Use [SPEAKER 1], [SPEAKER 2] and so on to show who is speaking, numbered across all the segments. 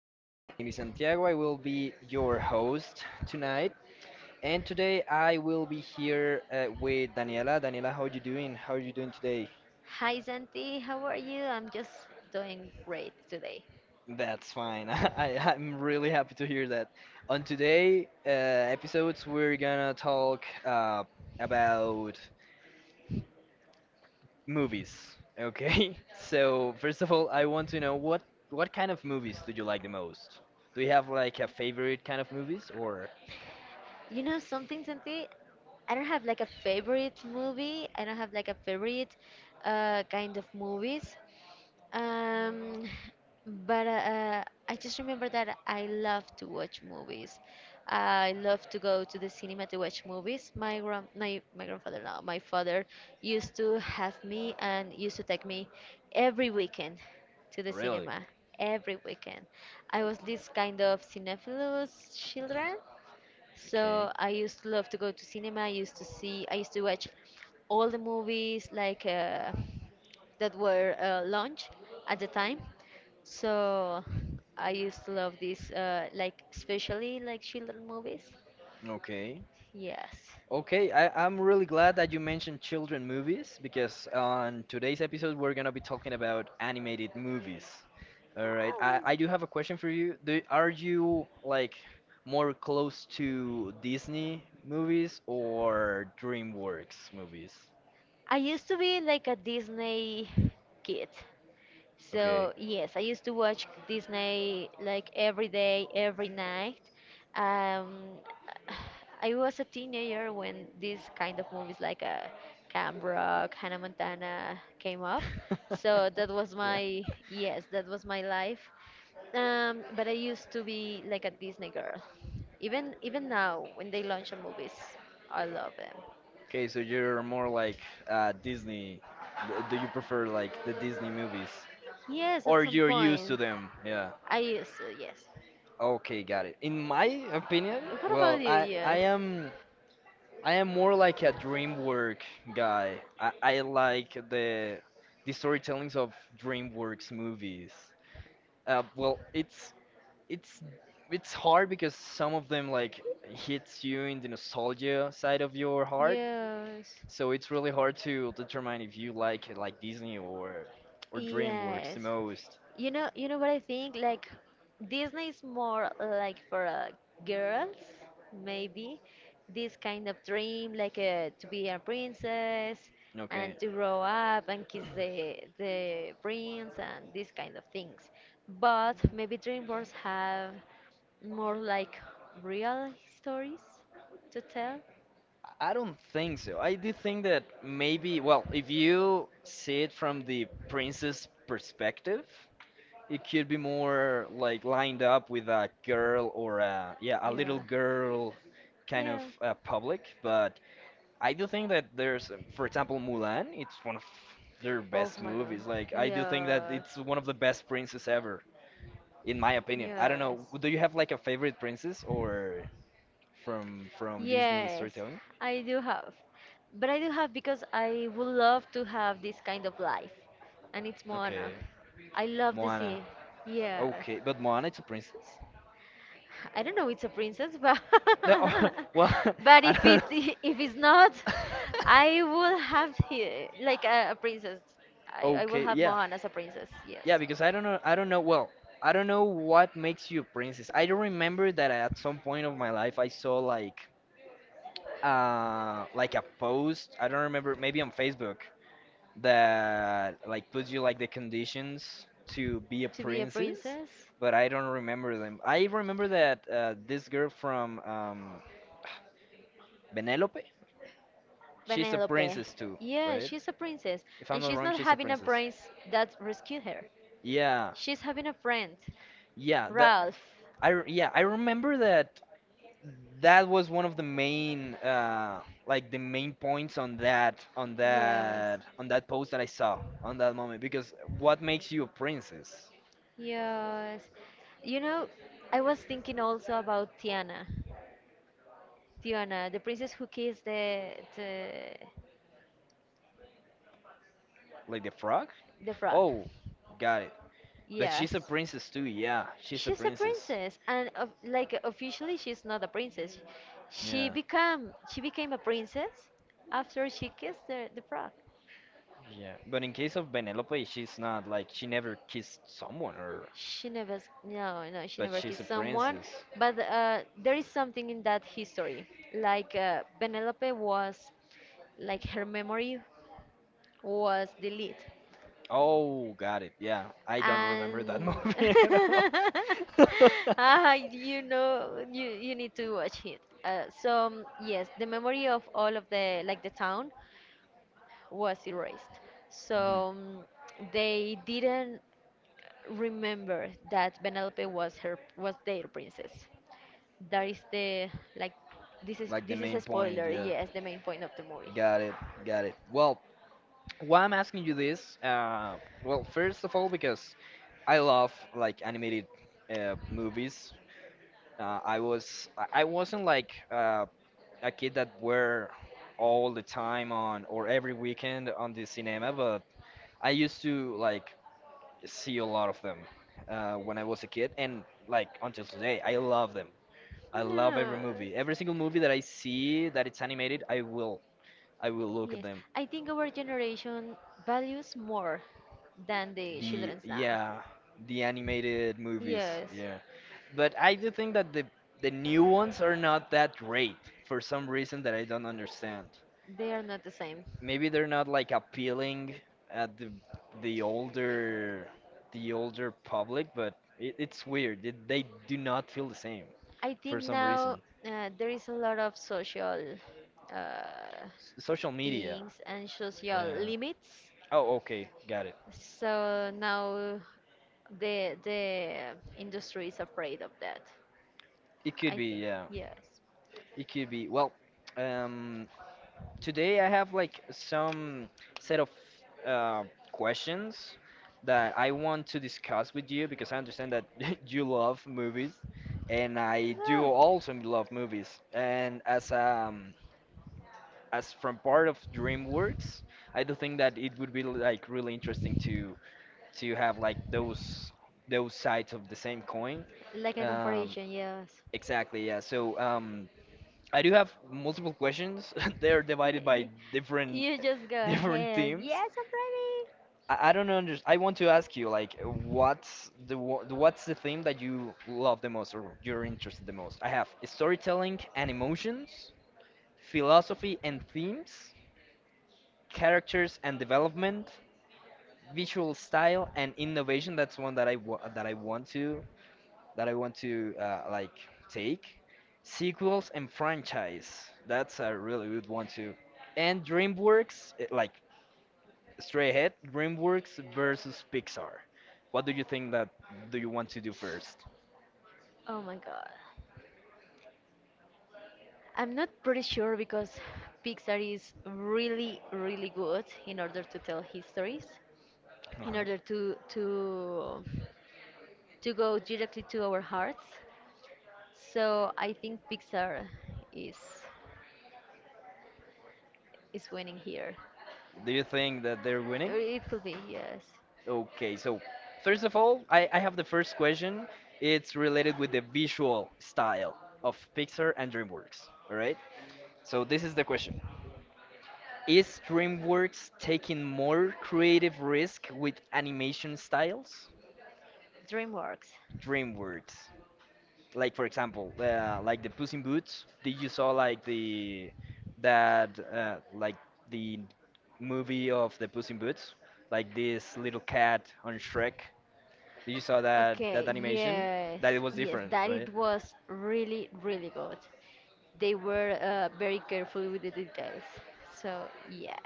[SPEAKER 1] My name is Santiago. I will be your host tonight, and today I will be here with Daniela. Daniela, how you doing? How are you doing today?
[SPEAKER 2] Hi Santi, how are you? I'm just doing great today.
[SPEAKER 1] That's fine. I'm really happy to hear that. On today episodes, we're gonna talk about movies. Okay. So first of all, I want to know what kind of movies do you like the most? Do you have like a favorite kind of movies or
[SPEAKER 2] You know something, Santi? I don't have like a favorite movie. I don't have like a favorite kind of movies. Um, but I just remember that I love to watch movies. I love to go to the cinema to watch movies. My grandfather, no, my father used to have me and used to take me every weekend to the
[SPEAKER 1] really?
[SPEAKER 2] cinema. Every weekend, I was this kind of cinephilus children,
[SPEAKER 1] Okay.
[SPEAKER 2] so I used to love to go to cinema. I used to watch all the movies like that were launched at the time. So I used to love these, like especially like children movies.
[SPEAKER 1] Okay.
[SPEAKER 2] Yes.
[SPEAKER 1] Okay, I'm really glad that you mentioned children movies because on today's episode we're gonna be talking about animated movies. All right, I,
[SPEAKER 2] Oh.
[SPEAKER 1] I do have a question for you. Are you like more close to Disney movies or DreamWorks movies?
[SPEAKER 2] I used to be like a Disney kid. So,
[SPEAKER 1] Okay.
[SPEAKER 2] yes, I used to watch Disney like every day, every night. Um, I was a teenager when these kind of movies like Camp Rock, Hannah Montana came up. So that was
[SPEAKER 1] Yeah.
[SPEAKER 2] my, yes, that was my life. But I used to be like a Disney girl. Even now, when they launch a movies, I love them.
[SPEAKER 1] Okay, so you're more like Disney. Do you prefer like the Disney movies,
[SPEAKER 2] Yes, at
[SPEAKER 1] or
[SPEAKER 2] some
[SPEAKER 1] you're used
[SPEAKER 2] point.
[SPEAKER 1] to them? Yeah.
[SPEAKER 2] I used to, yes.
[SPEAKER 1] Okay, got it. In my opinion,
[SPEAKER 2] What
[SPEAKER 1] well,
[SPEAKER 2] about you?
[SPEAKER 1] I I
[SPEAKER 2] Yes.
[SPEAKER 1] am I am more like a DreamWorks guy. I like the storytellings of DreamWorks movies. Well, it's it's hard because some of them like hits you in the nostalgia side of your heart.
[SPEAKER 2] Yes.
[SPEAKER 1] So it's really hard to determine if you like Disney or DreamWorks the
[SPEAKER 2] Yes.
[SPEAKER 1] most.
[SPEAKER 2] You know what I think? Like Disney is more like for girls, maybe. This kind of dream, like to be a princess
[SPEAKER 1] Okay.
[SPEAKER 2] and to grow up and kiss the prince and these kind of things. But maybe DreamWorks have more like real stories to tell.
[SPEAKER 1] I don't think so. I do think that maybe, well, if you see it from the princess perspective, it could be more like lined up with a girl or a, yeah, a little
[SPEAKER 2] Yeah.
[SPEAKER 1] girl kind of
[SPEAKER 2] Yeah.
[SPEAKER 1] public. But I do think that there's, for example, Mulan, it's one of their
[SPEAKER 2] Oh
[SPEAKER 1] best
[SPEAKER 2] my god.
[SPEAKER 1] movies. Like, I do think that
[SPEAKER 2] Yes.
[SPEAKER 1] it's one of the best princes ever. In my opinion. I don't know.
[SPEAKER 2] Yes.
[SPEAKER 1] Do you have like a favorite princess or from Disney
[SPEAKER 2] Yes,
[SPEAKER 1] storytelling?
[SPEAKER 2] I do have. But I do have because I would love to have this kind of life. And it's
[SPEAKER 1] Okay,
[SPEAKER 2] Moana. I love the
[SPEAKER 1] Moana.
[SPEAKER 2] sea. Yes.
[SPEAKER 1] Okay, but Moana is a princess.
[SPEAKER 2] I don't know. It's a princess, but
[SPEAKER 1] No, well,
[SPEAKER 2] but
[SPEAKER 1] I don't
[SPEAKER 2] if
[SPEAKER 1] know.
[SPEAKER 2] it if it's not, I will have like a princess. I will
[SPEAKER 1] Okay,
[SPEAKER 2] have
[SPEAKER 1] yeah,
[SPEAKER 2] Mohan as a princess. Yes.
[SPEAKER 1] yeah, because I don't know, well, I don't know what makes you a princess. I do remember that at some point of my life I saw like a post, I don't remember, maybe on Facebook, that like puts you like the conditions to be a
[SPEAKER 2] To be a
[SPEAKER 1] princess,
[SPEAKER 2] princess.
[SPEAKER 1] but I don't remember them. I remember that this girl from Benelope, she's a
[SPEAKER 2] Penelope.
[SPEAKER 1] princess too,
[SPEAKER 2] Yeah,
[SPEAKER 1] right?
[SPEAKER 2] she's a princess,
[SPEAKER 1] If I'm
[SPEAKER 2] and
[SPEAKER 1] not
[SPEAKER 2] she's
[SPEAKER 1] wrong,
[SPEAKER 2] not
[SPEAKER 1] she's a
[SPEAKER 2] having a
[SPEAKER 1] princess.
[SPEAKER 2] prince that rescued her.
[SPEAKER 1] Yeah,
[SPEAKER 2] She's having a friend,
[SPEAKER 1] yeah, that
[SPEAKER 2] Ralph.
[SPEAKER 1] yeah, I remember that that was one of the main like the main points on that on
[SPEAKER 2] Yes.
[SPEAKER 1] that on that post that I saw on that moment because what makes you a princess?
[SPEAKER 2] Yes. You know, I was thinking also about Tiana. Tiana, the princess who kissed the
[SPEAKER 1] Like the frog?
[SPEAKER 2] the frog.
[SPEAKER 1] Oh, got it. But
[SPEAKER 2] Yes.
[SPEAKER 1] she's a princess too, yeah. She's a
[SPEAKER 2] She's a
[SPEAKER 1] princess.
[SPEAKER 2] princess, and of like officially, she's not a princess.
[SPEAKER 1] Yeah.
[SPEAKER 2] She became a princess after she kissed the frog.
[SPEAKER 1] Yeah. But in case of Penelope, she's not. Like, she never kissed someone, or.
[SPEAKER 2] She never s- no no she
[SPEAKER 1] But
[SPEAKER 2] never
[SPEAKER 1] she's a
[SPEAKER 2] kissed someone,
[SPEAKER 1] princess.
[SPEAKER 2] but there is something in that history. Like Penelope was like her memory was deleted
[SPEAKER 1] Oh, got it. Yeah. I don't remember that
[SPEAKER 2] and
[SPEAKER 1] movie at all.
[SPEAKER 2] ah, you know, you need to watch it. Yes, the memory of all of the like the town was erased.
[SPEAKER 1] Mhm.
[SPEAKER 2] So um, they didn't remember that Penelope was her was their princess. That is the like
[SPEAKER 1] Like the
[SPEAKER 2] this is a
[SPEAKER 1] main point,
[SPEAKER 2] spoiler.
[SPEAKER 1] yeah.
[SPEAKER 2] Yes, the main point of the movie.
[SPEAKER 1] Got it, got it. Well, why I'm asking you this, well, first of all, because I love like animated movies. I wasn't like a kid that were all the time on or every weekend on the cinema, but I used to like see a lot of them when I was a kid, and like until today, I love them. I love every movie, every single movie that I
[SPEAKER 2] Yes.
[SPEAKER 1] see that it's animated. I will look at
[SPEAKER 2] Yes,
[SPEAKER 1] them.
[SPEAKER 2] I think our generation values more than the
[SPEAKER 1] The
[SPEAKER 2] children's now.
[SPEAKER 1] yeah, the animated movies,
[SPEAKER 2] Yes.
[SPEAKER 1] yeah. But I do think that the new ones are not that great for some reason that I don't understand.
[SPEAKER 2] They are not the same.
[SPEAKER 1] Maybe they're not like appealing at the older the older public, but it's weird. They do not feel the same
[SPEAKER 2] I
[SPEAKER 1] for
[SPEAKER 2] think
[SPEAKER 1] some
[SPEAKER 2] now
[SPEAKER 1] reason.
[SPEAKER 2] there is a lot of social uh,
[SPEAKER 1] S social media.
[SPEAKER 2] things and social
[SPEAKER 1] Yeah.
[SPEAKER 2] limits.
[SPEAKER 1] Oh, okay, got it.
[SPEAKER 2] So now the industry is afraid of that.
[SPEAKER 1] It could
[SPEAKER 2] I
[SPEAKER 1] be,
[SPEAKER 2] think
[SPEAKER 1] yeah.
[SPEAKER 2] yes.
[SPEAKER 1] It could be. Well, um, today I have like some set of uh, questions that I want to discuss with you because I understand that you love movies and I do
[SPEAKER 2] Yeah.
[SPEAKER 1] also love movies. And as from part of DreamWorks, I do think that it would be like really interesting to have like those sides of the same coin.
[SPEAKER 2] Like a
[SPEAKER 1] Um,
[SPEAKER 2] comparison, yes.
[SPEAKER 1] exactly, yeah. So I do have multiple questions. They're divided by different
[SPEAKER 2] You just go
[SPEAKER 1] different
[SPEAKER 2] ahead.
[SPEAKER 1] themes.
[SPEAKER 2] Yes, I'm ready.
[SPEAKER 1] I don't understand. I want to ask you, like, what's what's the theme that you love the most or you're interested the most? I have storytelling and emotions, philosophy and themes, characters and development, visual style and innovation. That's one that I wa that I want to like take. Sequels and franchise. That's a really good one too. And DreamWorks, eh, like straight ahead, DreamWorks versus Pixar. What do you think that do you want to do first?
[SPEAKER 2] Oh my god. I'm not pretty sure because Pixar is really, really good in order to tell histories,
[SPEAKER 1] Uh-huh.
[SPEAKER 2] in order to to go directly to our hearts. So I think Pixar is is winning here.
[SPEAKER 1] Do you think that they're winning?
[SPEAKER 2] Or it could be, yes.
[SPEAKER 1] Okay, so first of all, I have the first question. It's related with the visual style of Pixar and DreamWorks. All right. So this is the question: Is DreamWorks taking more creative risk with animation styles?
[SPEAKER 2] DreamWorks.
[SPEAKER 1] DreamWorks. Like for example like the Puss in Boots, did you saw like the that like the movie of the Puss in Boots, like this little cat on Shrek? Did you saw that
[SPEAKER 2] Okay,
[SPEAKER 1] animation,
[SPEAKER 2] yes,
[SPEAKER 1] that it was
[SPEAKER 2] yes,
[SPEAKER 1] different,
[SPEAKER 2] that it
[SPEAKER 1] right?
[SPEAKER 2] was really, really good. They were very careful with the details. So, yes.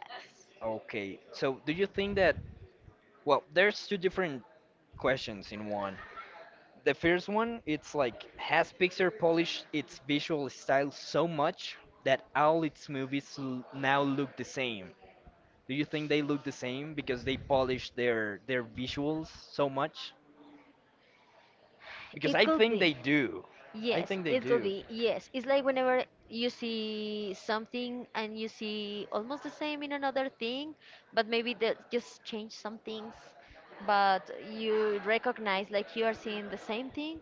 [SPEAKER 1] Okay, so do you think that, well, there's two different questions in one. The first one it's like, has Pixar polished its visual style so much that all its now look the same? Do you think they look the same because they polish their visuals so much? Because
[SPEAKER 2] It
[SPEAKER 1] I
[SPEAKER 2] could
[SPEAKER 1] think
[SPEAKER 2] be.
[SPEAKER 1] they do. I
[SPEAKER 2] Yes,
[SPEAKER 1] think they
[SPEAKER 2] it could
[SPEAKER 1] do.
[SPEAKER 2] be. Yes, it's like whenever you see something and you see almost the same in another thing, but maybe they just change some things, but you recognize like you are seeing the same thing.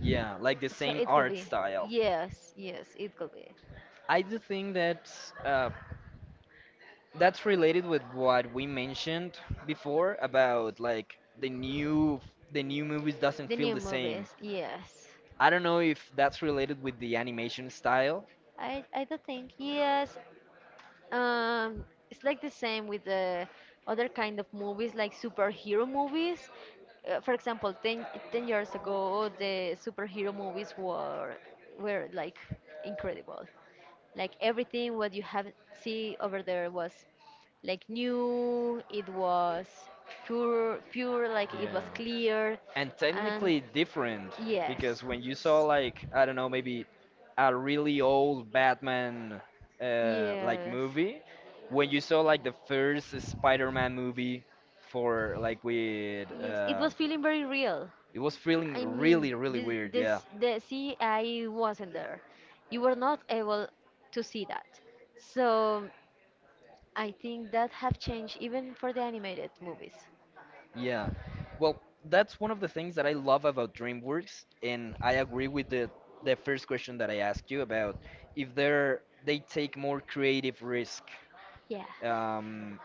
[SPEAKER 1] Yeah, like the
[SPEAKER 2] So
[SPEAKER 1] same
[SPEAKER 2] it could
[SPEAKER 1] art
[SPEAKER 2] be.
[SPEAKER 1] style.
[SPEAKER 2] Yes, yes, it could be.
[SPEAKER 1] I do think that uh, that's related with what we mentioned before about like the new movies doesn't
[SPEAKER 2] The
[SPEAKER 1] feel
[SPEAKER 2] new
[SPEAKER 1] the same.
[SPEAKER 2] movies, yes.
[SPEAKER 1] I don't know if that's related with the animation style.
[SPEAKER 2] I do think yes. um, it's like the same with the other kind of movies, like superhero movies. For example, ten years ago, the superhero movies were like incredible. Like everything what you have see over there was like new. It was pure, pure. Like it was
[SPEAKER 1] Yeah.
[SPEAKER 2] clear,
[SPEAKER 1] And
[SPEAKER 2] and
[SPEAKER 1] technically different, because
[SPEAKER 2] yes,
[SPEAKER 1] when you saw like I don't know, maybe a really old Batman like
[SPEAKER 2] yes.
[SPEAKER 1] movie, when you saw like the first Spider-Man movie for like with
[SPEAKER 2] Yes, it was feeling very real.
[SPEAKER 1] it was feeling
[SPEAKER 2] I mean,
[SPEAKER 1] really really weird. Yeah,
[SPEAKER 2] I wasn't there. You were not able to see that. So I think that have changed even for the animated movies.
[SPEAKER 1] yeah. Well, that's one of the things that I love about DreamWorks, and I agree with the first question that I asked you about if they take more creative risk.
[SPEAKER 2] Yes.
[SPEAKER 1] Um,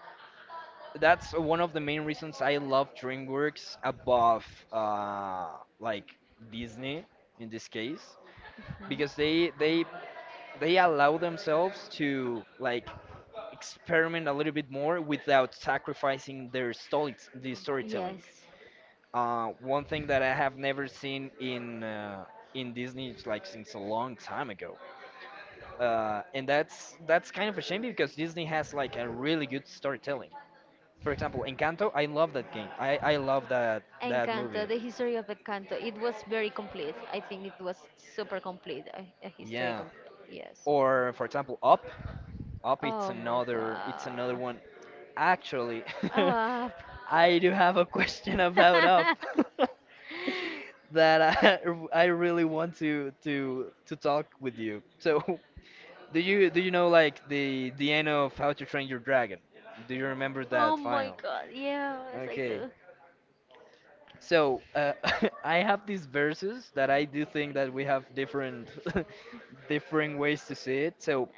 [SPEAKER 1] that's one of the main reasons I love DreamWorks above uh, like Disney in this case
[SPEAKER 2] Mhm.
[SPEAKER 1] because they allow themselves to like experiment a little bit more without sacrificing the storytelling.
[SPEAKER 2] Yes.
[SPEAKER 1] One thing that I have never seen in Disney it's like since a long time ago, and that's kind of a shame because Disney has like a really good storytelling. For example, Encanto, I love that game. I love that
[SPEAKER 2] Encanto,
[SPEAKER 1] movie.
[SPEAKER 2] the history of Encanto. It was very complete. I think it was super complete. A history
[SPEAKER 1] Yeah.
[SPEAKER 2] complete. Yes.
[SPEAKER 1] Or for example, Up. Up
[SPEAKER 2] Oh my
[SPEAKER 1] it's another
[SPEAKER 2] god.
[SPEAKER 1] one. Actually,
[SPEAKER 2] Up.
[SPEAKER 1] I do have a question about Up that I really want to to talk with you. So, do you know like the end of How to Train Your Dragon? Do you remember
[SPEAKER 2] oh
[SPEAKER 1] that
[SPEAKER 2] my
[SPEAKER 1] final?
[SPEAKER 2] god. Yes, I
[SPEAKER 1] Okay.
[SPEAKER 2] do.
[SPEAKER 1] So I have these verses that I do think that we have different different ways to see it. So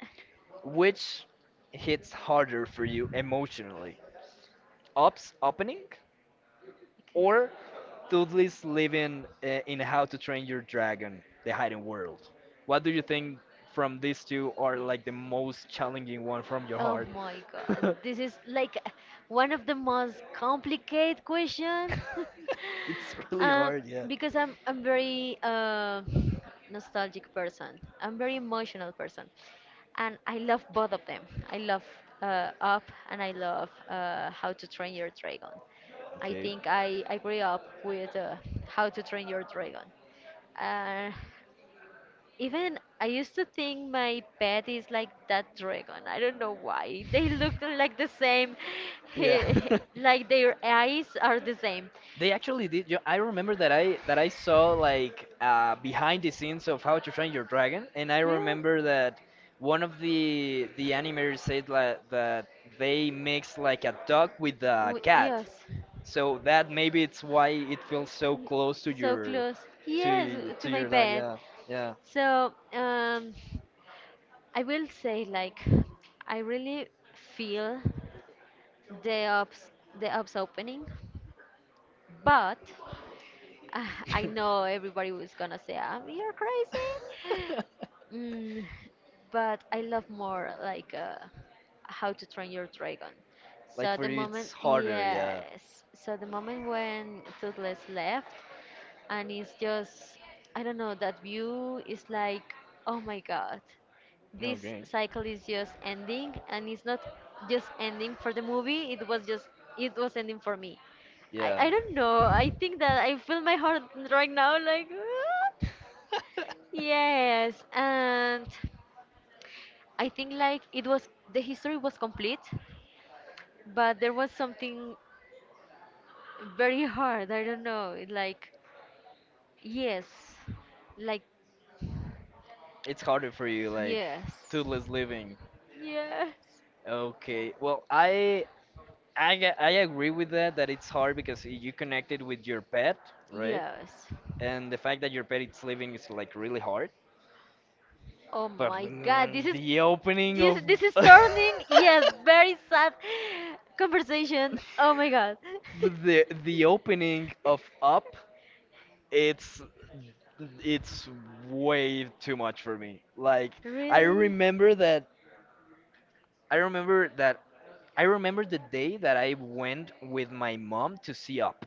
[SPEAKER 1] which hits harder for you emotionally? Op's opening or Toothless living in How to Train Your Dragon: The Hidden World? What do you think, from these two are like the most challenging one from your
[SPEAKER 2] Oh
[SPEAKER 1] heart?
[SPEAKER 2] my god, this is like one of the most complicated questions.
[SPEAKER 1] It's really
[SPEAKER 2] um,
[SPEAKER 1] hard, yeah.
[SPEAKER 2] because I'm very nostalgic person. I'm very emotional person, and I love both of them. I love Up and I love How to Train Your Dragon. I
[SPEAKER 1] Okay.
[SPEAKER 2] think I I grew up with How to Train Your Dragon. Uh, even I used to think my pet is like that dragon. I don't know why. They look like the same.
[SPEAKER 1] Yeah.
[SPEAKER 2] like their eyes are the same.
[SPEAKER 1] They actually did. Yo, I remember that I saw like behind the scenes of How to Train Your Dragon, and I
[SPEAKER 2] Yeah.
[SPEAKER 1] remember that one of the animators said like, that they mixed like a dog with a cat.
[SPEAKER 2] Yes.
[SPEAKER 1] So that maybe it's why it feels so
[SPEAKER 2] Y-
[SPEAKER 1] close to
[SPEAKER 2] So
[SPEAKER 1] your
[SPEAKER 2] close. Yes, to
[SPEAKER 1] to
[SPEAKER 2] my
[SPEAKER 1] your dog.
[SPEAKER 2] bed.
[SPEAKER 1] Yeah, yeah.
[SPEAKER 2] So, um, I will say like I really feel the ops the ops opening but ah, I know everybody was gonna say, "You're crazy," mm, but I love more like How to Train Your Dragon.
[SPEAKER 1] Like
[SPEAKER 2] So
[SPEAKER 1] for
[SPEAKER 2] the
[SPEAKER 1] you,
[SPEAKER 2] moment,
[SPEAKER 1] it's harder. Yeah,
[SPEAKER 2] yes. So the moment when Toothless left, and it's just, I don't know, that view is like, oh my god, this
[SPEAKER 1] okay.
[SPEAKER 2] cycle is just ending, and it's not just ending for the movie. It was just, it was ending for me. I,
[SPEAKER 1] Yeah.
[SPEAKER 2] I don't know. I think that I feel my heart right now like "Ah." Yes. And I think like it was the history was complete, but there was something very hard. I don't know. It like yes. Like
[SPEAKER 1] It's harder for you like to
[SPEAKER 2] yes.
[SPEAKER 1] living,
[SPEAKER 2] Yes.
[SPEAKER 1] okay, well, I agree with that, that it's hard because you connect it with your pet, right,
[SPEAKER 2] Yes.
[SPEAKER 1] and the fact that your pet is living is like really hard.
[SPEAKER 2] Oh
[SPEAKER 1] But
[SPEAKER 2] my god,
[SPEAKER 1] man,
[SPEAKER 2] this is
[SPEAKER 1] the opening of
[SPEAKER 2] this is turning, yes, very sad conversation. Oh my god.
[SPEAKER 1] the opening of Up, it's it's way too much for me. Like, I
[SPEAKER 2] Really?
[SPEAKER 1] remember that i remember that I remember the day that I went with my mom to see Up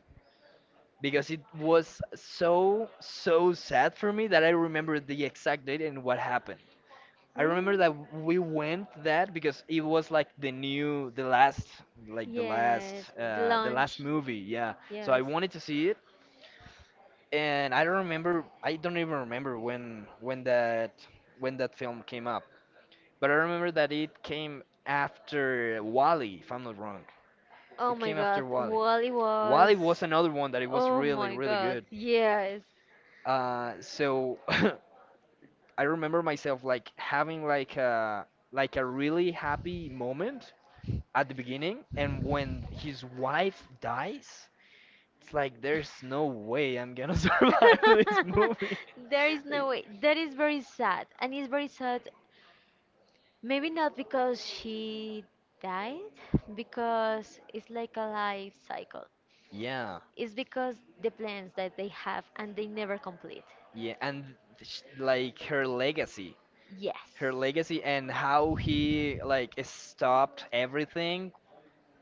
[SPEAKER 1] because it was so so sad for me that I remember the exact date and what happened. I remember
[SPEAKER 2] Really?
[SPEAKER 1] that we went that because it was like the last like
[SPEAKER 2] Yes, the
[SPEAKER 1] the last
[SPEAKER 2] lunch.
[SPEAKER 1] movie, yeah. So I
[SPEAKER 2] Yes.
[SPEAKER 1] wanted to see it, and I don't remember, I don't even remember when when that film came up. But I remember that it came after Wally, if I'm not wrong.
[SPEAKER 2] Oh
[SPEAKER 1] It
[SPEAKER 2] my
[SPEAKER 1] came
[SPEAKER 2] god,
[SPEAKER 1] after Wally.
[SPEAKER 2] Wally was.
[SPEAKER 1] Wally was another one that it was
[SPEAKER 2] Oh
[SPEAKER 1] really
[SPEAKER 2] my
[SPEAKER 1] really
[SPEAKER 2] god,
[SPEAKER 1] good.
[SPEAKER 2] yes.
[SPEAKER 1] So I remember myself like having like a really happy moment at the beginning, and when his wife dies, it's like there's no way I'm gonna survive this movie.
[SPEAKER 2] there is no
[SPEAKER 1] Like,
[SPEAKER 2] way. That is very sad. And it's very sad. Maybe not because she died, because it's like a life cycle.
[SPEAKER 1] yeah,
[SPEAKER 2] It's because the plans that they have and they never complete.
[SPEAKER 1] yeah, and sh like
[SPEAKER 2] Yes.
[SPEAKER 1] her legacy, and how he like stopped everything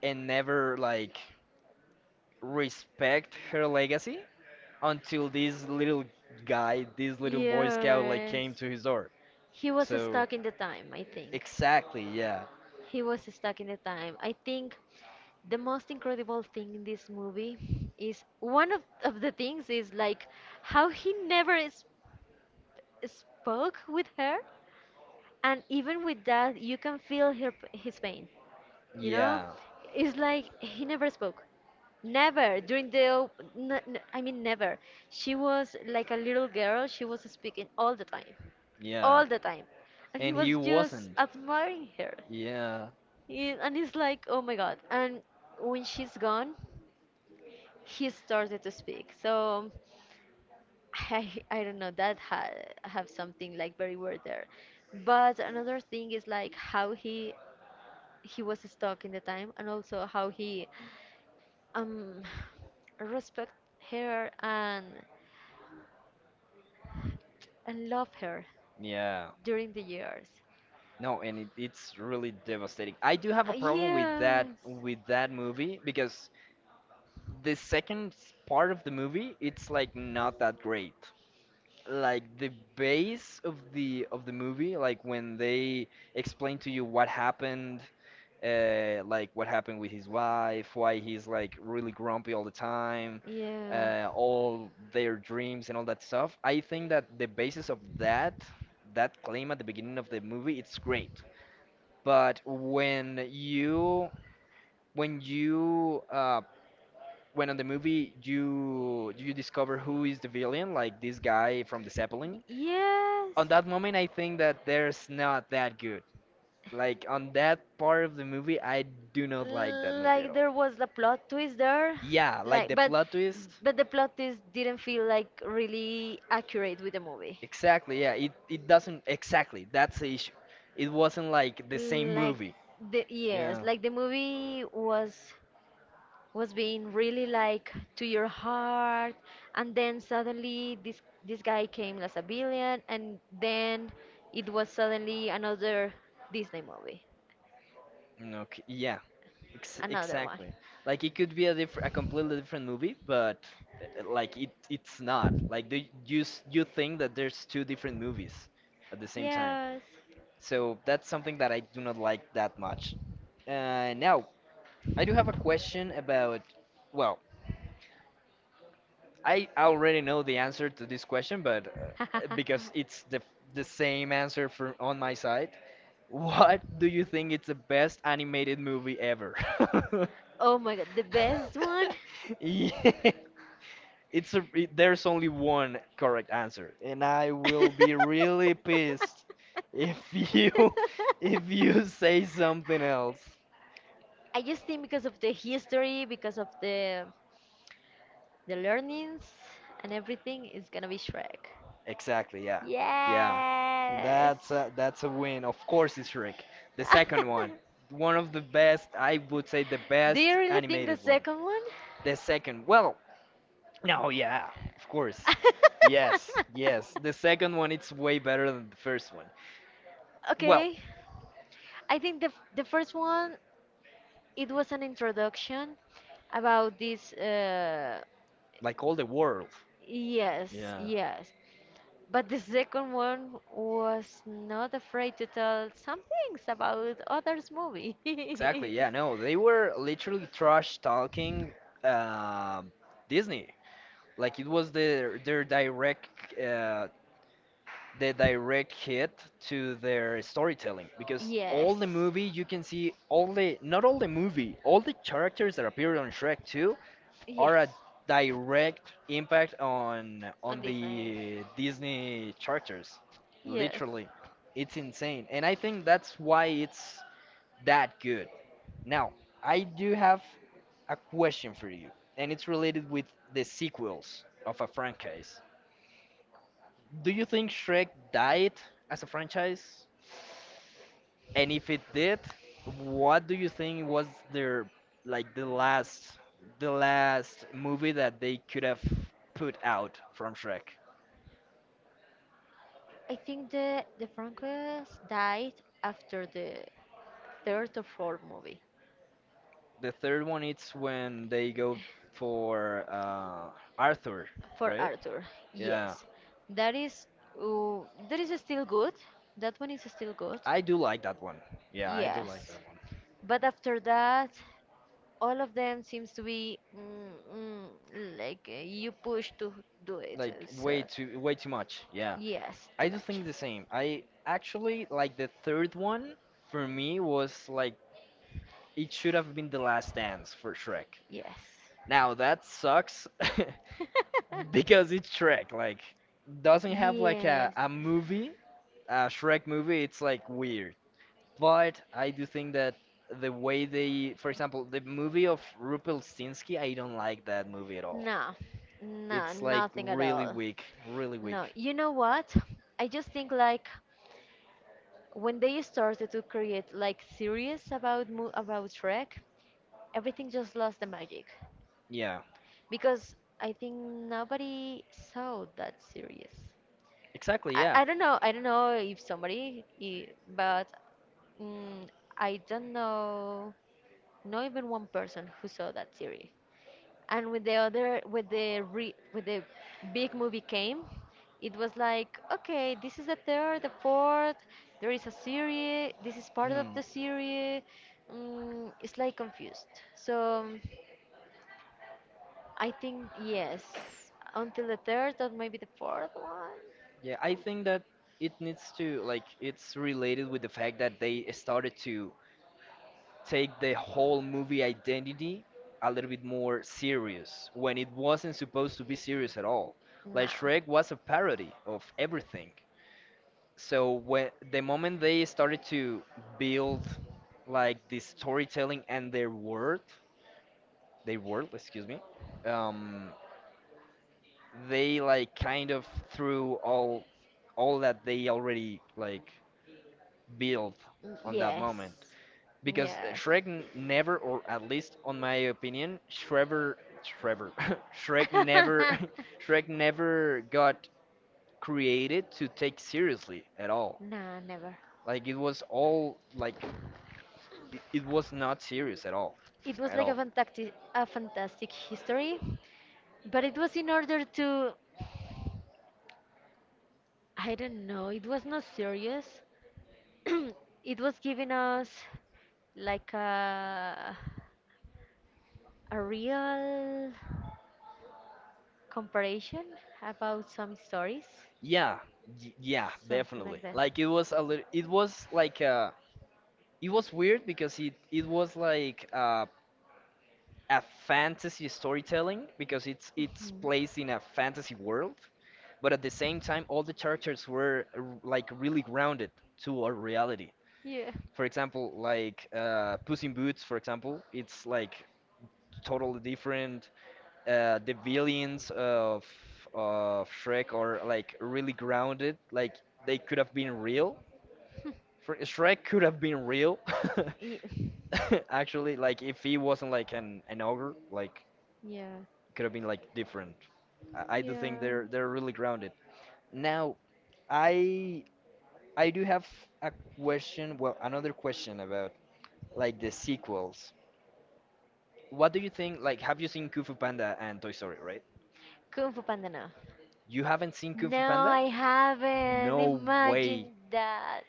[SPEAKER 1] and never like respect her legacy. Until this little guy, this little boy scout, like
[SPEAKER 2] Yes.
[SPEAKER 1] came to his door.
[SPEAKER 2] He was
[SPEAKER 1] So
[SPEAKER 2] stuck in the time, I think.
[SPEAKER 1] exactly, yeah,
[SPEAKER 2] He was stuck in the time. I think the most incredible thing in this movie is one of the things is like how he never is, spoke with her, and even with that, you can feel her, his pain. You know,
[SPEAKER 1] yeah,
[SPEAKER 2] it's like he never spoke. Never during the, never. She was like a little girl. She was speaking
[SPEAKER 1] yeah.
[SPEAKER 2] all the time, and he
[SPEAKER 1] And he
[SPEAKER 2] was just
[SPEAKER 1] wasn't.
[SPEAKER 2] admiring her.
[SPEAKER 1] Yeah,
[SPEAKER 2] Yeah, and it's like, oh my God. And when she's gone, he started to speak. So I don't know, that ha have something like very weird there. But another thing is like how he was stuck in the time and also how he um, respect her and love her
[SPEAKER 1] yeah.
[SPEAKER 2] during the years.
[SPEAKER 1] No, and it's really devastating. I do have a problem with that
[SPEAKER 2] Yes,
[SPEAKER 1] with that movie because the second part of the movie it's like not that great. Like the base of the movie, like when they explain to you what happened, like what happened with his wife, why he's like really grumpy all the time, all their dreams and all that stuff. I think that the basis of that claim at the beginning of the movie it's great, but when you uh, when on the movie you discover who is the villain, like this guy from the Zeppelin.
[SPEAKER 2] yeah,
[SPEAKER 1] On
[SPEAKER 2] yes.
[SPEAKER 1] that moment, I think that there's not that good. Like on that part of the movie, I do not like that movie at
[SPEAKER 2] Like
[SPEAKER 1] all.
[SPEAKER 2] there was the plot twist there
[SPEAKER 1] Yeah, like
[SPEAKER 2] like
[SPEAKER 1] the plot twist.
[SPEAKER 2] but the plot twist didn't feel like really accurate with the movie
[SPEAKER 1] Exactly, yeah. It doesn't exactly. That's the issue. It wasn't like the same
[SPEAKER 2] like
[SPEAKER 1] movie.
[SPEAKER 2] the yes
[SPEAKER 1] Yeah.
[SPEAKER 2] like the movie was being really like to your heart and then suddenly this guy came as a villain and then it was suddenly another disney movie
[SPEAKER 1] Mm, okay, yeah. Ex
[SPEAKER 2] another one.
[SPEAKER 1] exactly. Like it could be a completely different movie, but like it's not. Like you think that there's two different movies at the same time.
[SPEAKER 2] Yes.
[SPEAKER 1] So that's something that I do not like that much. Now, I do have a question about, well, I already know the answer to this question, but because it's the same answer for on my side. What do you think is the best animated movie ever?
[SPEAKER 2] oh my god, the best one?
[SPEAKER 1] Yeah, there's only one correct answer, and I will be really pissed if you if you say something else.
[SPEAKER 2] I just think because of the history, because of the learnings and everything, it's gonna be Shrek.
[SPEAKER 1] Exactly, yeah. Yeah.
[SPEAKER 2] Yes.
[SPEAKER 1] That's a win. Of course it's Shrek. The second one. One of the best, I would say the
[SPEAKER 2] Do
[SPEAKER 1] best
[SPEAKER 2] you really think the
[SPEAKER 1] animated one.
[SPEAKER 2] second one?
[SPEAKER 1] The second, well, no, yeah, of course. Yes, yes. The second one it's way better than the first one. Well,
[SPEAKER 2] Okay. I think the f- the first one it was an introduction about this.
[SPEAKER 1] like all the world.
[SPEAKER 2] Yes,
[SPEAKER 1] Yeah.
[SPEAKER 2] yes. But the second one was not afraid to tell some things about others' movies.
[SPEAKER 1] Exactly, yeah, no. They were literally trash talking um Disney. Like it was the direct hit to their storytelling because
[SPEAKER 2] yes,
[SPEAKER 1] all the movie you can see all the not all the movie all the characters that appear on Shrek 2
[SPEAKER 2] yes.
[SPEAKER 1] are a direct impact on
[SPEAKER 2] On
[SPEAKER 1] on
[SPEAKER 2] Disney.
[SPEAKER 1] the Disney characters
[SPEAKER 2] Yes.
[SPEAKER 1] literally it's insane, and I think that's why it's that good. Now I do have a question for you, and it's related with the sequels of a franchise. Do you think Shrek died as a franchise? And if it did, what do you think was their like the last movie that they could have put out from Shrek?
[SPEAKER 2] I think the Franquez died after the third or fourth movie
[SPEAKER 1] The third one it's when they go for Arthur,
[SPEAKER 2] for
[SPEAKER 1] right?
[SPEAKER 2] Arthur.
[SPEAKER 1] Yeah,
[SPEAKER 2] Yes, that is uh, that is still good. That one is still good.
[SPEAKER 1] I do like that one. Yeah, I do like
[SPEAKER 2] Yes,
[SPEAKER 1] that one.
[SPEAKER 2] but after that, all of them seems to be like you push to do it.
[SPEAKER 1] Like way
[SPEAKER 2] So
[SPEAKER 1] too way too much. Yeah.
[SPEAKER 2] yes, too
[SPEAKER 1] I do
[SPEAKER 2] much.
[SPEAKER 1] think the same. I actually like the third one for me was like it should have been the last dance for Shrek.
[SPEAKER 2] Yes.
[SPEAKER 1] Now that sucks because it's Shrek. Like, doesn't have like a,
[SPEAKER 2] Yes.
[SPEAKER 1] a movie, a Shrek movie. It's like weird. But I do think that the way they, for example, the movie of Rumpelstiltskin, I don't like that movie at all.
[SPEAKER 2] No, no,
[SPEAKER 1] It's like
[SPEAKER 2] nothing at
[SPEAKER 1] really
[SPEAKER 2] all.
[SPEAKER 1] weak, really weak.
[SPEAKER 2] No, you know what? I just think like when they started to create like series about mo about Shrek, everything just lost the magic
[SPEAKER 1] Yeah,
[SPEAKER 2] because I think nobody saw that series.
[SPEAKER 1] exactly.
[SPEAKER 2] I,
[SPEAKER 1] Yeah.
[SPEAKER 2] I don't know, I don't know if somebody, I- but Mm, I don't know, not even one person who saw that series. And with the other, with the big movie came, it was like, okay, this is the third, the fourth. There is a series. This is part of
[SPEAKER 1] Hmm.
[SPEAKER 2] the series. It's like confused. So I think yes, until the third or maybe the fourth one.
[SPEAKER 1] Yeah, I think that it needs to like it's related with the fact that they started to take the whole movie identity a little bit more serious when it wasn't supposed to be serious at all. Like
[SPEAKER 2] No.
[SPEAKER 1] Shrek was a parody of everything. So when the moment they started to build like the storytelling and their world, excuse me, um, they like kind of threw all that they already like built on that
[SPEAKER 2] Yes.
[SPEAKER 1] moment. Because
[SPEAKER 2] Yes.
[SPEAKER 1] Shrek never, or at least on my opinion, Shrever, Shrever, Shrek never, Shrek never got created to take seriously at all.
[SPEAKER 2] No, never.
[SPEAKER 1] Like it was all like it was not serious at all,
[SPEAKER 2] It was
[SPEAKER 1] at
[SPEAKER 2] like a
[SPEAKER 1] all.
[SPEAKER 2] fantastic, a fantastic history, but it was in order to, I don't know, it was not serious. It was giving us like a real comparison about some stories,
[SPEAKER 1] Yeah, yeah,
[SPEAKER 2] something like
[SPEAKER 1] definitely.
[SPEAKER 2] that.
[SPEAKER 1] Like it was a little, it was like it was weird because it was like a fantasy storytelling because it's
[SPEAKER 2] Mhm.
[SPEAKER 1] placed in a fantasy world, but at the same time, all the characters were like really grounded to our reality.
[SPEAKER 2] Yeah.
[SPEAKER 1] For example, like Puss in Boots, for example, it's like totally different. The villains of Shrek are like really grounded. Like they could have been real. For Shrek could have been real,
[SPEAKER 2] Ye-
[SPEAKER 1] actually. Like if he wasn't like an ogre, like
[SPEAKER 2] yeah.
[SPEAKER 1] could have been like different. I do think
[SPEAKER 2] Yeah.
[SPEAKER 1] they're really grounded. Now, I I do have a question, well, another question about like the sequels. What do you think? Like, have you seen Kung Fu Panda and Toy Story, right?
[SPEAKER 2] Kung Fu Panda, no.
[SPEAKER 1] You haven't seen Kung Fu
[SPEAKER 2] No,
[SPEAKER 1] Panda?
[SPEAKER 2] I haven't.
[SPEAKER 1] No way.
[SPEAKER 2] Imagine that.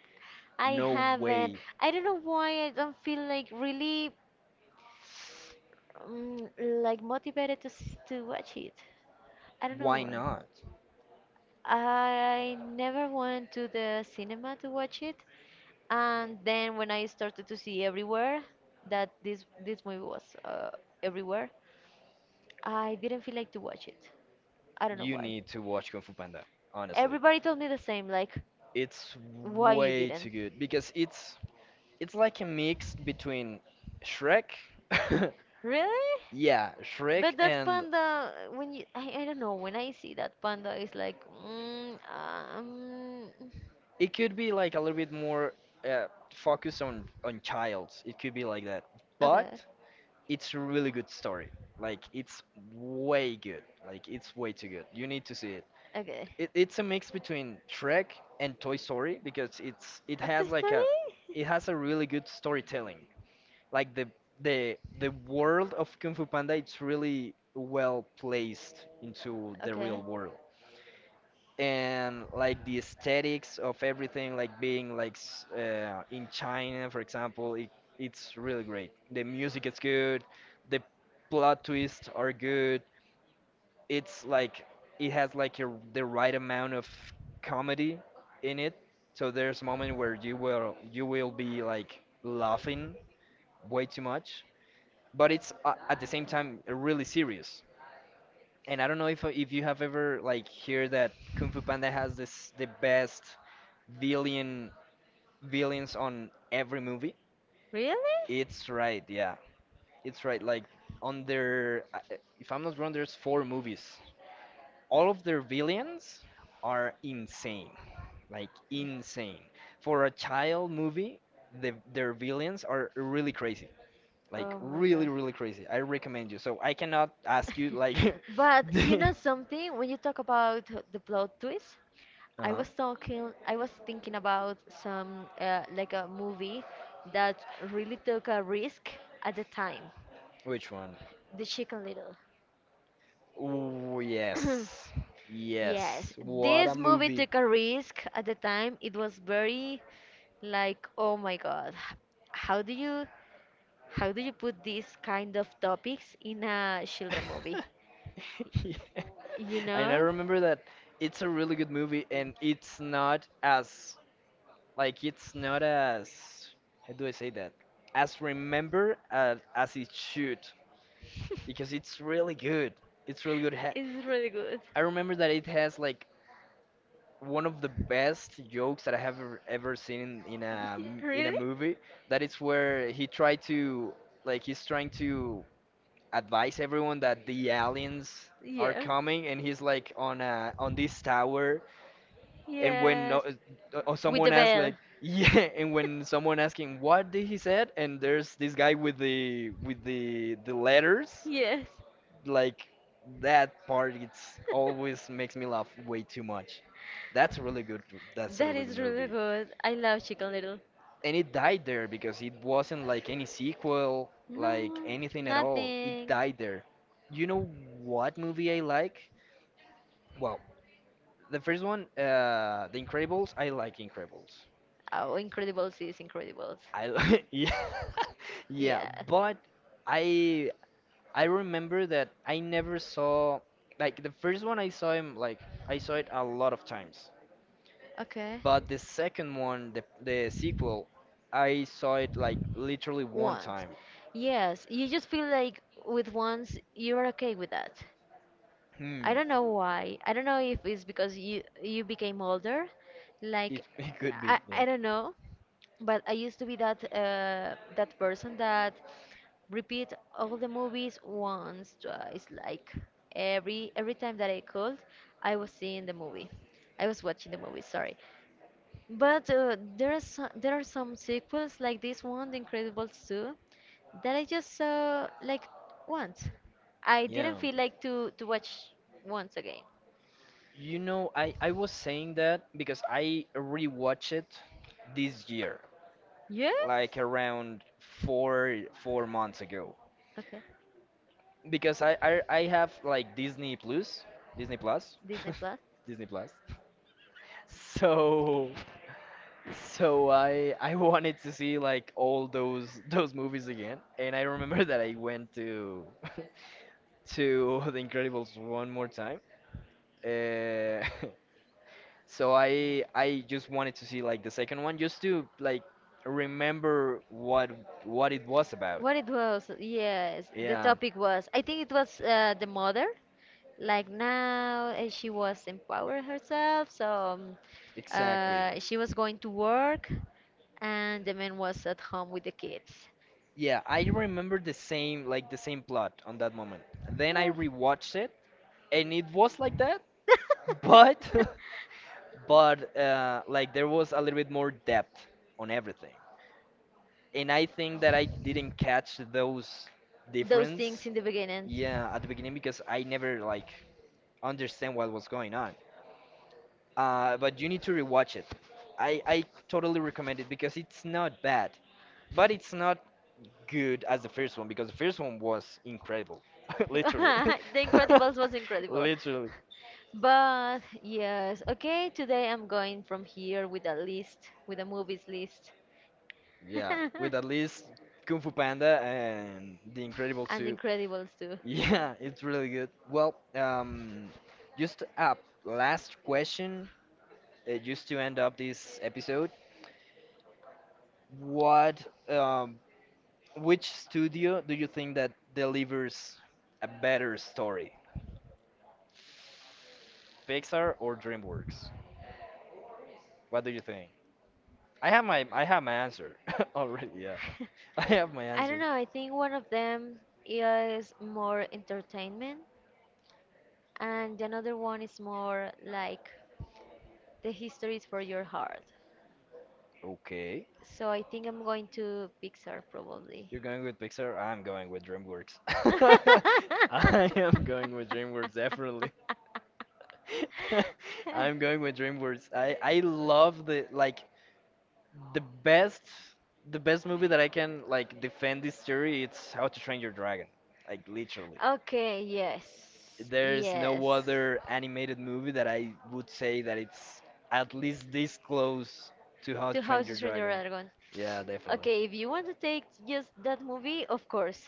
[SPEAKER 2] I
[SPEAKER 1] No
[SPEAKER 2] haven't.
[SPEAKER 1] way.
[SPEAKER 2] I don't know why I don't feel like really like motivated to watch it. I don't know
[SPEAKER 1] Why
[SPEAKER 2] why.
[SPEAKER 1] not?
[SPEAKER 2] I never went to the cinema to watch it, and then when I started to see everywhere that this movie was everywhere, I didn't feel like to watch it. I don't know
[SPEAKER 1] You
[SPEAKER 2] why.
[SPEAKER 1] need to watch Kung Fu Panda, honestly.
[SPEAKER 2] Everybody told me the same, like,
[SPEAKER 1] It's
[SPEAKER 2] why you
[SPEAKER 1] way too
[SPEAKER 2] didn't?
[SPEAKER 1] good because it's like a mix between Shrek,
[SPEAKER 2] Really?
[SPEAKER 1] yeah, Shrek,
[SPEAKER 2] But that
[SPEAKER 1] and
[SPEAKER 2] panda, when you, I don't know, when I see that panda, it's like,
[SPEAKER 1] it could be like a little bit more uh, focused on childs. It could be like that,
[SPEAKER 2] okay,
[SPEAKER 1] but it's a really good story. Like it's way good. Like it's way too good. You need to see it.
[SPEAKER 2] okay.
[SPEAKER 1] It's a mix between Shrek and Toy Story because it's it
[SPEAKER 2] A Toy
[SPEAKER 1] has like a
[SPEAKER 2] Story?
[SPEAKER 1] it has a really good storytelling. Like the world of Kung Fu Panda, it's really well placed into the real
[SPEAKER 2] Okay.
[SPEAKER 1] world, and like the aesthetics of everything, like being like, in China for example, it's really great. The music is good. The plot twists are good. It's like it has the right amount of comedy in it. So there's a moment where you will be like laughing way too much, but it's, at the same time, really serious. And I don't know if you have ever like heard that Kung Fu Panda has this the best villain villains on every movie.
[SPEAKER 2] Really?
[SPEAKER 1] It's right, yeah. It's right. Like on their, I- if I'm not wrong, there's four movies. All of their villains are insane, like insane. For a child movie, their villains are really crazy, like
[SPEAKER 2] Oh my god.
[SPEAKER 1] really, really crazy. I recommend you. So I cannot ask you like,
[SPEAKER 2] But you
[SPEAKER 1] the,
[SPEAKER 2] know something? When you talk about the plot twist, I
[SPEAKER 1] Uh-huh.
[SPEAKER 2] was talking, I was thinking about some like a movie that really took a risk at the time,
[SPEAKER 1] Which one?
[SPEAKER 2] The Chicken Little.
[SPEAKER 1] Ooh, yes.
[SPEAKER 2] Yes,
[SPEAKER 1] Yes. What a
[SPEAKER 2] this movie
[SPEAKER 1] movie.
[SPEAKER 2] took a risk at the time. It was very like, oh my God, how do you how do you put these kind of topics in a children movie?
[SPEAKER 1] Yeah.
[SPEAKER 2] You
[SPEAKER 1] And I
[SPEAKER 2] know?
[SPEAKER 1] remember that it's a really good movie, and it's not as like it's not as how do I say that? As remember as it should because it's really good. It's really good.
[SPEAKER 2] It's really good.
[SPEAKER 1] I remember that it has like one of the best jokes that I have ever, ever seen in, in a m- in a
[SPEAKER 2] Really?
[SPEAKER 1] movie. That is where he tried to like he's trying to advise everyone that the aliens are
[SPEAKER 2] Yeah.
[SPEAKER 1] coming, and he's like on this tower, and when no,
[SPEAKER 2] Yes. With the
[SPEAKER 1] someone asks
[SPEAKER 2] bell.
[SPEAKER 1] like yeah, and when someone asking what did he said, and there's this guy with the letters
[SPEAKER 2] Yes.
[SPEAKER 1] like that part it's always makes me laugh way too much. that's a really good that's a
[SPEAKER 2] That
[SPEAKER 1] really good
[SPEAKER 2] is really
[SPEAKER 1] movie.
[SPEAKER 2] good. I love chicken little.
[SPEAKER 1] And it died there because it wasn't like any sequel, like
[SPEAKER 2] No,
[SPEAKER 1] anything at all. It
[SPEAKER 2] nothing.
[SPEAKER 1] died there. You know what movie I like? Well, the first one, the Incredibles. I like Incredibles.
[SPEAKER 2] Oh, Incredibles is Incredibles.
[SPEAKER 1] Yeah, yeah,
[SPEAKER 2] Yeah.
[SPEAKER 1] but i I remember that I never saw like the first one. I saw it a lot of times.
[SPEAKER 2] Okay.
[SPEAKER 1] But the second one, the sequel, I saw it like literally one
[SPEAKER 2] Once.
[SPEAKER 1] time.
[SPEAKER 2] Yes, you just feel like with once you're okay with that.
[SPEAKER 1] Hmm,
[SPEAKER 2] I don't know why. I don't know if it's because you became older.
[SPEAKER 1] it,
[SPEAKER 2] Like
[SPEAKER 1] it could be.
[SPEAKER 2] I
[SPEAKER 1] Yeah.
[SPEAKER 2] I don't know, but I used to be that person that repeat all the movies once, twice, like every time that I could, I was seeing the movie. I was watching the movie, sorry. But there are some sequels like this one, The Incredibles 2, that I just saw like once. I didn't
[SPEAKER 1] Yeah.
[SPEAKER 2] feel like to watch once again.
[SPEAKER 1] You know, I was saying that because I rewatched it this year,
[SPEAKER 2] Yes?
[SPEAKER 1] like around four months ago.
[SPEAKER 2] Okay,
[SPEAKER 1] Because I have like Disney Plus, Disney Plus,
[SPEAKER 2] Disney Plus.
[SPEAKER 1] Disney Plus. So So I wanted to see like all those movies again, and I remember that I went to to The Incredibles one more time. Uh, so I just wanted to see like the second one just to like remember what it was about.
[SPEAKER 2] What it was? Yes, the
[SPEAKER 1] Yeah,
[SPEAKER 2] topic was. I think it was the mother. Like now, she was empowering herself so um,
[SPEAKER 1] exactly.
[SPEAKER 2] she was going to work and the man was at home with the kids.
[SPEAKER 1] Yeah, I remember the same plot on that moment. Then I
[SPEAKER 2] Yeah.
[SPEAKER 1] rewatched it, and it was like that, but but like there was a little bit more depth on everything, and I think that I didn't catch those
[SPEAKER 2] those things
[SPEAKER 1] difference,
[SPEAKER 2] in the beginning.
[SPEAKER 1] yeah, at the beginning because I never like understand what was going on. But you need to rewatch it. I totally recommend it because it's not bad, but it's not good as the first one because the first one was incredible literally
[SPEAKER 2] The Incredibles was incredible.
[SPEAKER 1] literally,
[SPEAKER 2] But yes, okay, today I'm going from here with a list, with a movies list.
[SPEAKER 1] yeah, with at least Kung Fu Panda and the Incredible
[SPEAKER 2] And
[SPEAKER 1] 2.
[SPEAKER 2] Incredibles too.
[SPEAKER 1] Yeah, it's really good. Well, just a last question, just to end up this episode. What, um, which studio do you think that delivers a better story, Pixar or DreamWorks? What do you think? I have my answer already. Yeah, I have my
[SPEAKER 2] I don't
[SPEAKER 1] answer.
[SPEAKER 2] know, I think one of them is more entertainment and another one is more like the histories for your heart.
[SPEAKER 1] Okay,
[SPEAKER 2] So I think I'm going to Pixar probably.
[SPEAKER 1] you're going with Pixar. I'm going with DreamWorks. I am going with DreamWorks definitely. I'm going with DreamWorks. I love the best the best movie that I can like defend this theory. It's How to Train Your Dragon. Like literally,
[SPEAKER 2] Okay, yes.
[SPEAKER 1] there's no
[SPEAKER 2] Yes.
[SPEAKER 1] other animated movie that I would say that it's at least this close to How to
[SPEAKER 2] Two
[SPEAKER 1] Train Your
[SPEAKER 2] Houses from the
[SPEAKER 1] Dragon.
[SPEAKER 2] Dragon.
[SPEAKER 1] Yeah, definitely.
[SPEAKER 2] Okay, if you want to take just that movie, of course.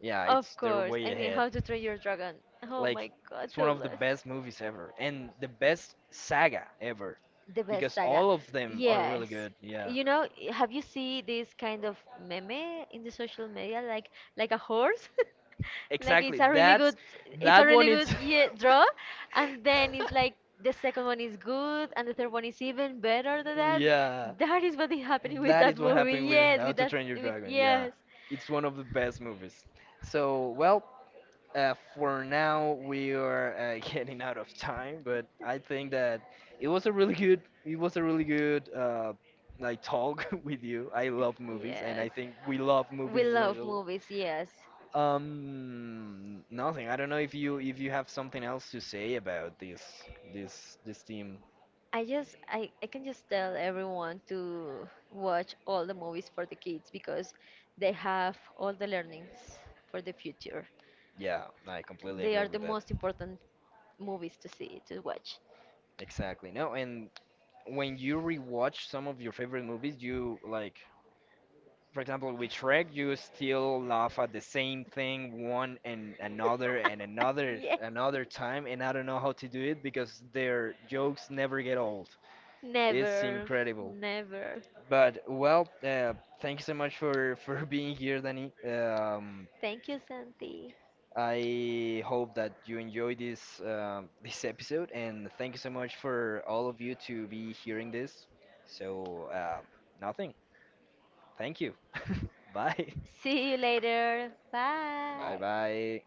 [SPEAKER 1] Yeah,
[SPEAKER 2] Of
[SPEAKER 1] it's they're
[SPEAKER 2] course.
[SPEAKER 1] way
[SPEAKER 2] I mean,
[SPEAKER 1] ahead.
[SPEAKER 2] How to Train Your Dragon. Oh
[SPEAKER 1] Like
[SPEAKER 2] my god,
[SPEAKER 1] it's one of the
[SPEAKER 2] Toothless.
[SPEAKER 1] best movies ever and the best saga ever
[SPEAKER 2] The best
[SPEAKER 1] because
[SPEAKER 2] saga.
[SPEAKER 1] all of them are really
[SPEAKER 2] Yes.
[SPEAKER 1] good. Yeah.
[SPEAKER 2] You know, have you seen this kind of meme in the social media like a horse? Like it's
[SPEAKER 1] Exactly.
[SPEAKER 2] a really good
[SPEAKER 1] That's
[SPEAKER 2] it's a
[SPEAKER 1] that one
[SPEAKER 2] really good
[SPEAKER 1] is
[SPEAKER 2] yeah, draw, and then it's like the second one is good and the third one is even better than that.
[SPEAKER 1] yeah.
[SPEAKER 2] That is what is happening with
[SPEAKER 1] That
[SPEAKER 2] that
[SPEAKER 1] is what
[SPEAKER 2] movie.
[SPEAKER 1] happened with
[SPEAKER 2] Yes,
[SPEAKER 1] How
[SPEAKER 2] with
[SPEAKER 1] to
[SPEAKER 2] that
[SPEAKER 1] Train Your
[SPEAKER 2] with
[SPEAKER 1] Dragon. Yeah.
[SPEAKER 2] yes.
[SPEAKER 1] It's one of the best movies. So, well, for now we are getting out of time, but I think that it was a really good it was a really good like talk with you. I love movies, and
[SPEAKER 2] Yes.
[SPEAKER 1] I think we love
[SPEAKER 2] We
[SPEAKER 1] movies in
[SPEAKER 2] love
[SPEAKER 1] general.
[SPEAKER 2] movies, yes.
[SPEAKER 1] Nothing. I don't know if you have something else to say about this this team.
[SPEAKER 2] I can just tell everyone to watch all the movies for the kids because they have all the learnings for the future.
[SPEAKER 1] Yeah, I completely
[SPEAKER 2] They
[SPEAKER 1] agree
[SPEAKER 2] are the
[SPEAKER 1] with that.
[SPEAKER 2] most important movies to see, to watch.
[SPEAKER 1] Exactly. No, and when you rewatch some of your favorite movies, you like, for example, with Shrek, you still laugh at the same thing one and another and another
[SPEAKER 2] yeah.
[SPEAKER 1] another time, and I don't know how to do it because their jokes never get old. It's
[SPEAKER 2] Never,
[SPEAKER 1] incredible.
[SPEAKER 2] never.
[SPEAKER 1] But well, thank you so much for being here, Danny.
[SPEAKER 2] Thank you, Santi.
[SPEAKER 1] I hope that you enjoyed this this episode, and thank you so much for all of you to be hearing this. So, nothing. Thank you. Bye.
[SPEAKER 2] See you later.
[SPEAKER 1] Bye
[SPEAKER 2] Bye.
[SPEAKER 1] bye.